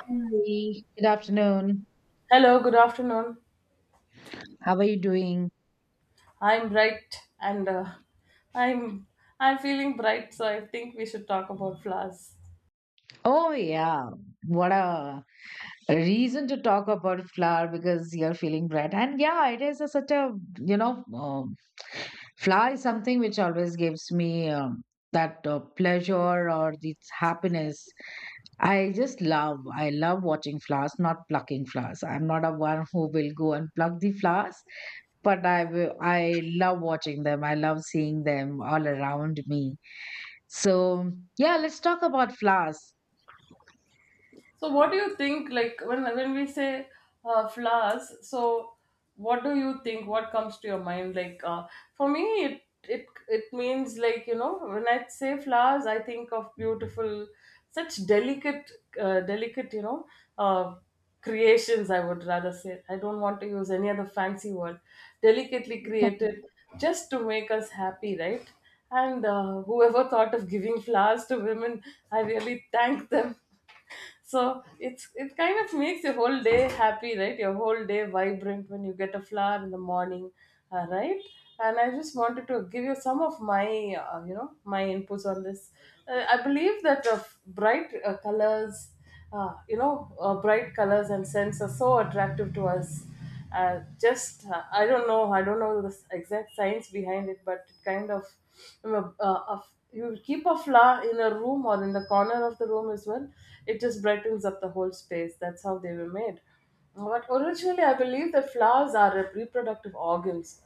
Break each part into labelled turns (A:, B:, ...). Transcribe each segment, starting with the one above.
A: Hi, good afternoon.
B: Hello, good afternoon.
A: How are you doing?
B: I'm bright and I'm I'm feeling bright, so I think we should talk about flowers.
A: Oh, yeah. What a reason to talk about flour because you're feeling bad. And yeah, it is such a, you know, um, Flour is something which always gives me that pleasure or this happiness. I love watching flowers, not plucking flowers. I'm not a one who will go and pluck the flowers, but I love watching them. I love seeing them all around me. So, yeah, let's talk about flowers.
B: So, what do you think? Like when we say flowers, so what do you think? What comes to your mind? For me, it means like when I say flowers, I think of beautiful, such delicate, delicate uh, creations. I would rather say I don't want to use any other fancy word. Delicately created just to make us happy, right? And whoever thought of giving flowers to women, I really thank them, so it's it kind of makes your whole day happy, right, your whole day vibrant when you get a flower in the morning, right. And I just wanted to give you some of my, uh, you know my inputs on this. I believe that, bright colors, uh, you know bright colors and scents are so attractive to us. Uh, just I don't know, I don't know the exact science behind it, but it kind of, you know, uh, you keep a flower in a room or in the corner of the room as well, it just brightens up the whole space. That's how they were made. But originally I believe that flowers are reproductive organs,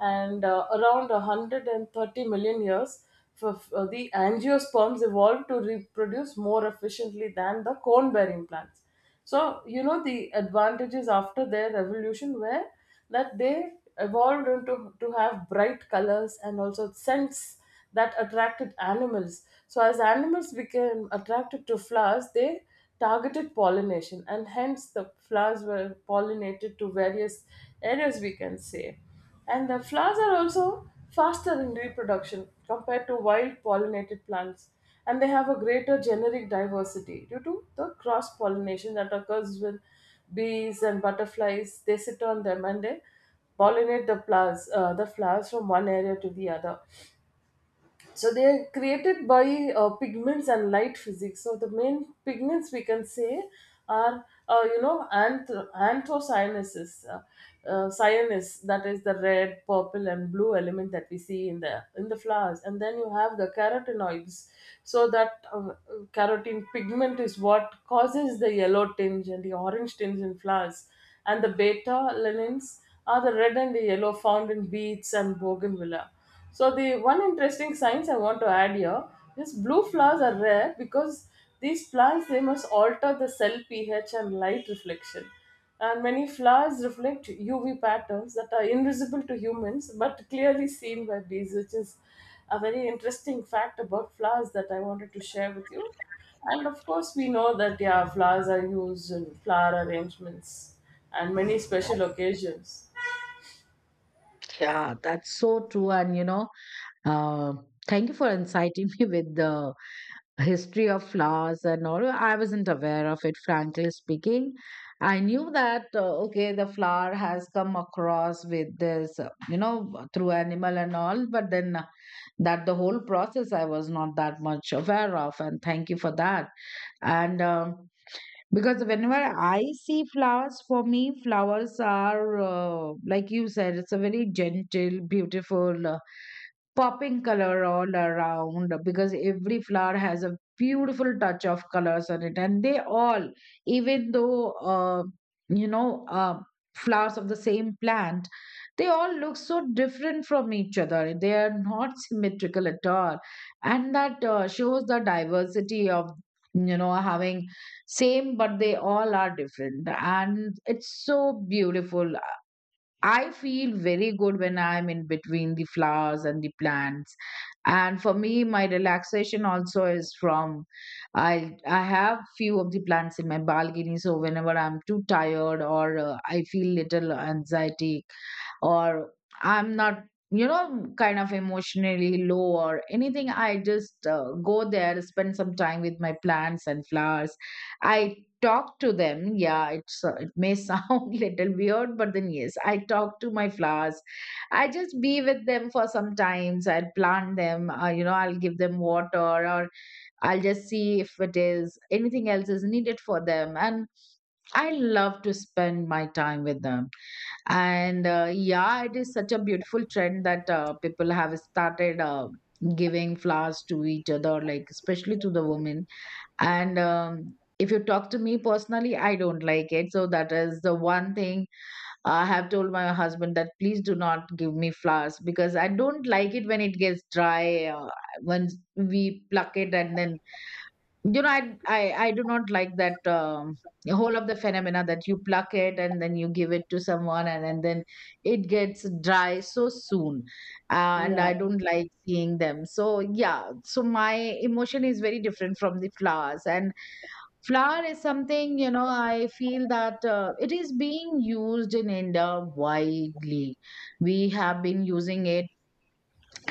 B: and around 130 million years, for the angiosperms evolved to reproduce more efficiently than the cone bearing plants. So, you know, the advantages after their evolution were that they evolved into to have bright colors and also scents that attracted animals. So, as animals became attracted to flowers, they targeted pollination, and hence the flowers were pollinated to various areas, we can say. And the flowers are also faster in reproduction compared to wild pollinated plants, and they have a greater genetic diversity due to the cross pollination that occurs with bees and butterflies. They sit on them and they pollinate the flowers, the flowers from one area to the other. So they are created by pigments and light physics. So the main pigments we can say are, anthocyanins, cyanus, that is the red, purple, and blue element that we see in the flowers. And then you have the carotenoids. So that carotene pigment is what causes the yellow tinge and the orange tinge in flowers. And the beta lanins are the red and the yellow found in beets and bougainvillea. So the one interesting science I want to add here is blue flowers are rare because these plants they must alter the cell pH and light reflection. And many flowers reflect UV patterns that are invisible to humans but clearly seen by bees, which is a very interesting fact about flowers that I wanted to share with you. And of course, we know that, yeah, flowers are used in flower arrangements and many special occasions.
A: Yeah, that's so true. And, you know, uh, thank you for inciting me with the history of flowers and all. I wasn't aware of it, frankly speaking. I knew that, okay, the flower has come across with this, through animal and all, but then that the whole process I was not that much aware of. And thank you for that. And, um Because whenever I see flowers, for me, flowers are, like you said, it's a very gentle, beautiful, popping color all around because every flower has a beautiful touch of colors on it. And they all, even though, you know, uh, flowers of the same plant, they all look so different from each other. They are not symmetrical at all. And that shows the diversity of, you know, having same, but they all are different, and it's so beautiful. I feel very good when I'm in between the flowers and the plants. And for me, my relaxation also is from I have few of the plants in my balcony, so whenever I'm too tired or I feel little anxiety or I'm not, you know, kind of emotionally low or anything. I just go there, spend some time with my plants and flowers. I talk to them. Yeah, it may sound little weird, but then yes, I talk to my flowers. I just be with them for some times. I'll plant them. I'll give them water, or I'll just see if it is anything else is needed for them. And I love to spend my time with them and yeah, it is such a beautiful trend that people have started giving flowers to each other, like especially to the women. And if you talk to me personally, I don't like it, so that is the one thing I have told my husband, that please do not give me flowers because I don't like it when it gets dry when we pluck it and then I do not like that whole of the phenomena that you pluck it and then you give it to someone, and then it gets dry so soon. And
B: Yeah,
A: I don't like seeing them. So yeah, so my emotion is very different from the flowers. And flower is something, you know, I feel that it is being used in India widely. We have been using it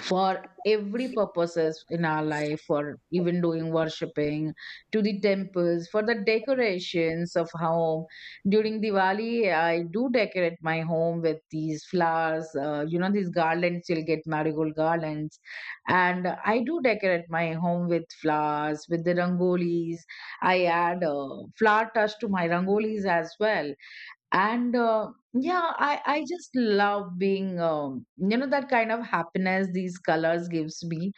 A: for every purposes in our life, for even doing worshipping to the temples, for the decorations of home. During Diwali, I do decorate my home with these flowers. You know, these garlands, you'll get marigold garlands, and I do decorate my home with flowers with the rangolis. I add flower touch to my rangolis as well. And yeah, I just love being, you know, that kind of happiness these colors gives me.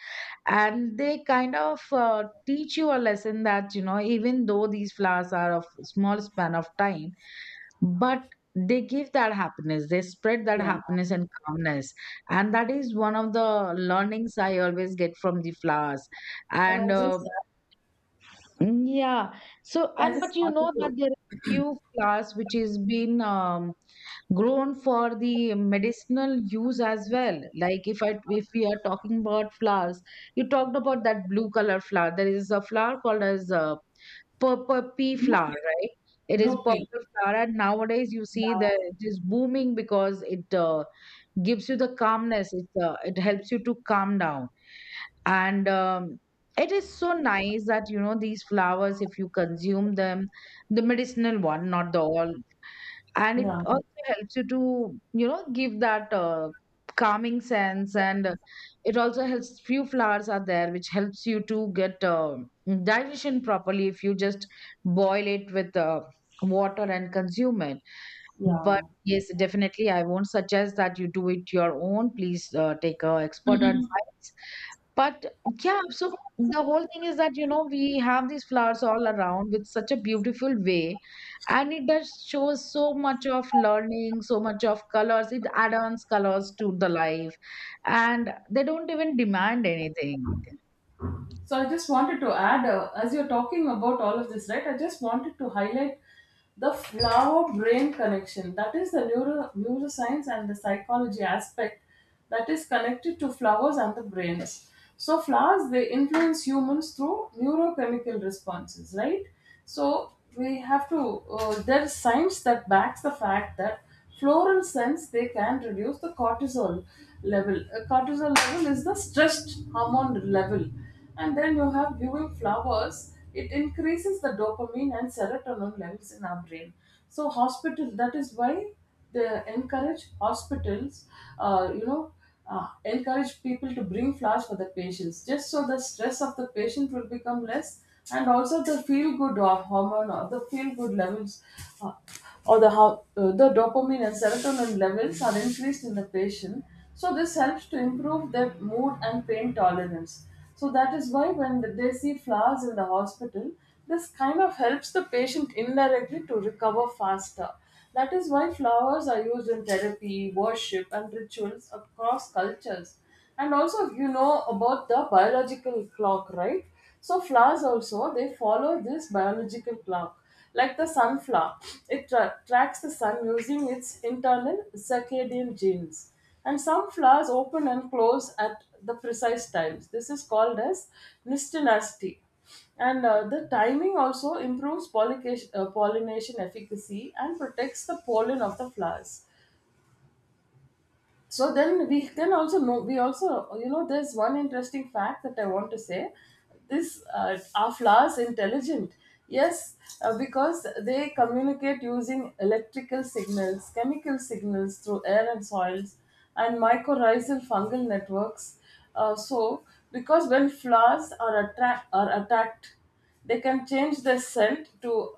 A: And they kind of teach you a lesson that, you know, even though these flowers are of small span of time, but they give that happiness, they spread that
B: yeah.
A: happiness and calmness. And that is one of the learnings I always get from the flowers.
B: Can I
A: And
B: just,
A: Yeah. So
B: I
A: and
B: just
A: but you
B: wanted
A: know that
B: to
A: there are few flowers which has been grown for the medicinal use as well. Like if I if we are talking about flowers, you talked about that blue color flower, there is a flower called as a purple pea flower,
B: grouping,
A: right? It is
B: grouping.
A: purple flower, and nowadays you see that
B: Yeah,
A: it is booming because it gives you the calmness. It it helps you to calm down. And it is so nice that, you know, these flowers, if you consume them, the medicinal one, not the all, and it
B: yeah,
A: also helps you to, you know, give that calming sense. And it also helps, few flowers are there which helps you to get digestion properly if you just boil it with water and consume it. But
B: yeah.
A: yes, definitely, I won't suggest that you do it your own. Please take a expert advice. But yeah, so the whole thing is that, you know, we have these flowers all around with such a beautiful way, and it does shows so much of learning, so much of colors. It adds colors to the life, and they don't even demand anything.
B: So I just wanted to add, as you're talking about all of this, right? I just wanted to highlight the flower brain connection. That is the neuro neuroscience and the psychology aspect that is connected to flowers and the brains. So flowers they influence humans through neurochemical responses, right? So we have to. There's science that backs the fact that floral scents they can reduce the cortisol level. Cortisol level is the stressed hormone level, and then you have viewing flowers, it increases the dopamine and serotonin levels in our brain. So hospital, that is why they encourage hospitals, uh, you know uh, encourage people to bring flowers for the patients, just so the stress of the patient will become less, and also the feel good or hormone or the feel good levels, uh, or the how the dopamine and serotonin levels are increased in the patient. So this helps to improve their mood and pain tolerance. So that is why when they see flowers in the hospital, this kind of helps the patient indirectly to recover faster. That is why flowers are used in therapy, worship and rituals across cultures. And also, you know about the biological clock, right? So flowers also they follow this biological clock, like the sunflower. It tracks the sun using its internal circadian genes, and some flowers open and close at the precise times. This is called as nystinasti, and the timing also improves pollination, pollination efficacy and protects the pollen of the flowers. So then we can also know, we also, you know, there's one interesting fact that I want to say. This Are flowers intelligent? Yes, because they communicate using electrical signals, chemical signals through air and soils and mycorrhizal fungal networks. So because when flowers are, are attacked, they can change their scent to,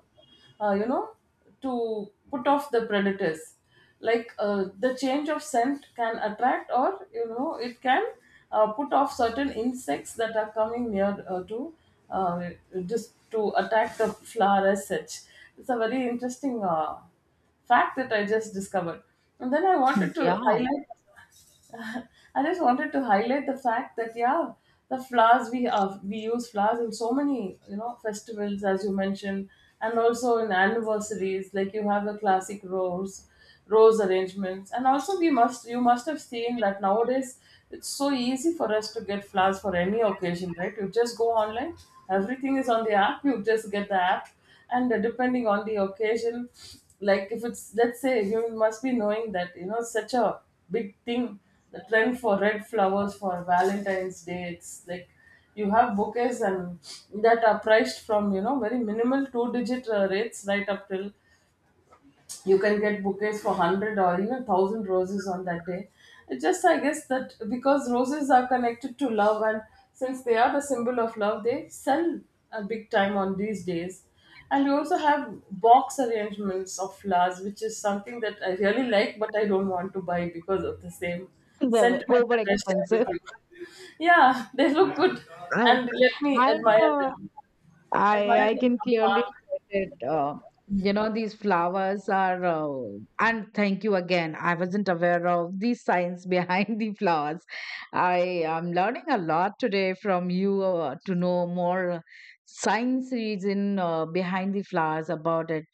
B: uh, you know to put off the predators. Like, the change of scent can attract, or you know it can, put off certain insects that are coming near, to uh, just to attack the flower as such. It's a very interesting fact that I just discovered, and then I wanted to
A: Yeah.
B: highlight. I just wanted to highlight the fact that, yeah, the flowers we have, we use flowers in so many, you know, festivals as you mentioned, and also in anniversaries. Like you have the classic rose arrangements. And also we must, you must have seen that nowadays it's so easy for us to get flowers for any occasion, right? You just go online, everything is on the app. You just get the app, and depending on the occasion, like if it's, let's say, you must be knowing that you know such a big thing, the trend for red flowers for Valentine's Day. It's like you have bouquets and that are priced from, you know, very minimal two digit rates right up till you can get bouquets for 100 or even 1000 roses on that day. It just, I guess that because roses are connected to love, and since they are the symbol of love, they sell a big time on these days. And we also have box arrangements of flowers, which is something that I really like, but I don't want to buy because of the same
A: They were
B: sentiment
A: over
B: that I share
A: expensive.
B: with you. Yeah, they look good,
A: Right.
B: and let me
A: I
B: admire
A: know.
B: them,
A: I
B: admire
A: I
B: them
A: can
B: from
A: clearly
B: far.
A: get it. You know, these flowers are, and thank you again. I wasn't aware of the science behind the flowers. I am learning a lot today from you, to know more science reason behind the flowers about it.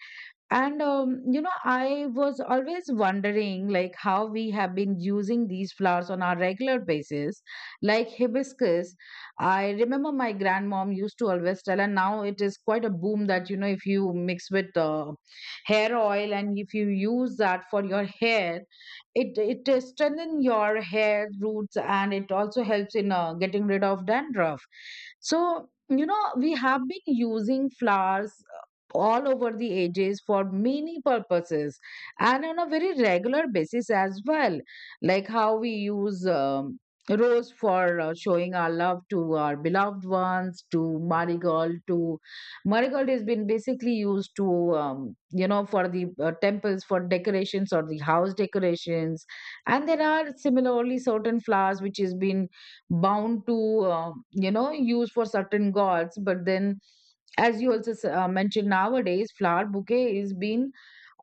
A: And you know, I was always wondering like how we have been using these flowers on our regular basis, like hibiscus. I remember my grandmom used to always tell, and now it is quite a boom that, you know, if you mix with hair oil and if you use that for your hair, it strengthen your hair roots, and it also helps in getting rid of dandruff. So you know we have been using flowers all over the ages for many purposes and on a very regular basis as well, like how we use, rose for showing our love to our beloved ones, to marigold, to marigold has been basically used to, you know, for the temples, for decorations or the house decorations. And there are similarly certain flowers which has been bound to, you know, use for certain gods, but then as you also mentioned, nowadays flower bouquet is been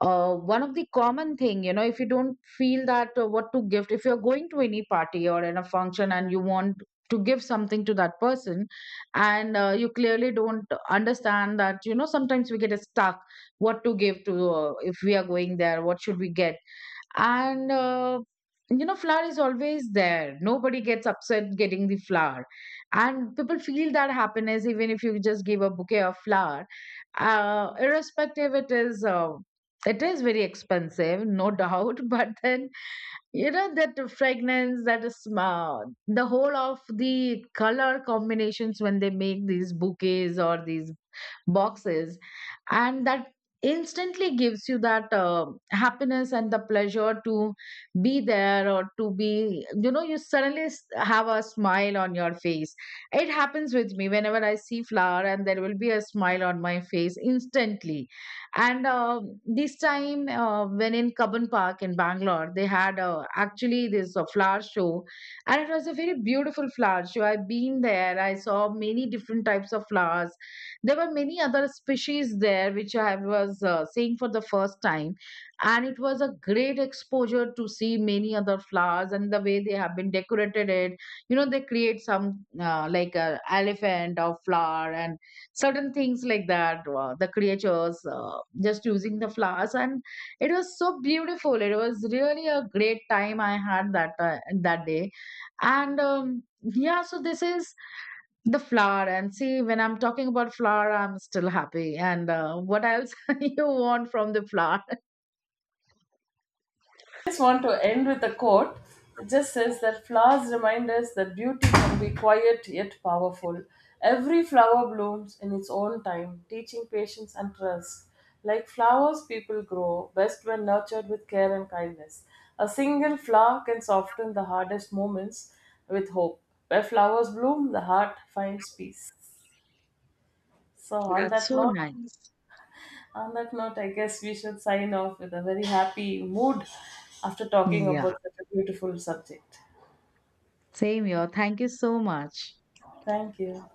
A: one of the common thing. You know, if you don't feel that what to gift, if you're going to any party or in a function and you want to give something to that person, and you clearly don't understand that, you know, sometimes we get stuck what to give to, if we are going there what should we get. And you know, flour is always there, nobody gets upset getting the flour, and people feel that happiness even if you just give a bouquet of flour, irrespective, it is very expensive no doubt but then, you know, that fragrance, that smell, the whole of the color combinations when they make these bouquets or these boxes, and that instantly gives you that happiness and the pleasure to be there or to be, you know, you suddenly have a smile on your face. It happens with me whenever I see flower, and there will be a smile on my face instantly. And this time when in Cubbon Park in Bangalore, they had, actually, this flower show, and it was a very beautiful flower show. I've been there, I saw many different types of flowers. There were many other species there which I was seeing for the first time, and it was a great exposure to see many other flowers and the way they have been decorated it. You know, they create some like a elephant or flower, and certain things like that, the creatures, just using the flowers. And it was so beautiful, it was really a great time I had that that day. And yeah, so this is the flower, and see when I'm talking about flower I'm still happy. And what else you want from the flower.
B: Just want to end with a quote. It just says that flowers remind us that beauty can be quiet yet powerful. Every flower blooms in its own time, teaching patience and trust. Like flowers, people grow best when nurtured with care and kindness. A single flower can soften the hardest moments with hope. Where flowers bloom, the heart finds peace. So,
A: That's so nice.
B: on that note, I guess we should sign off with a very happy mood after talking
A: Yeah,
B: about such a beautiful subject.
A: same here, thank you so much.
B: Thank you.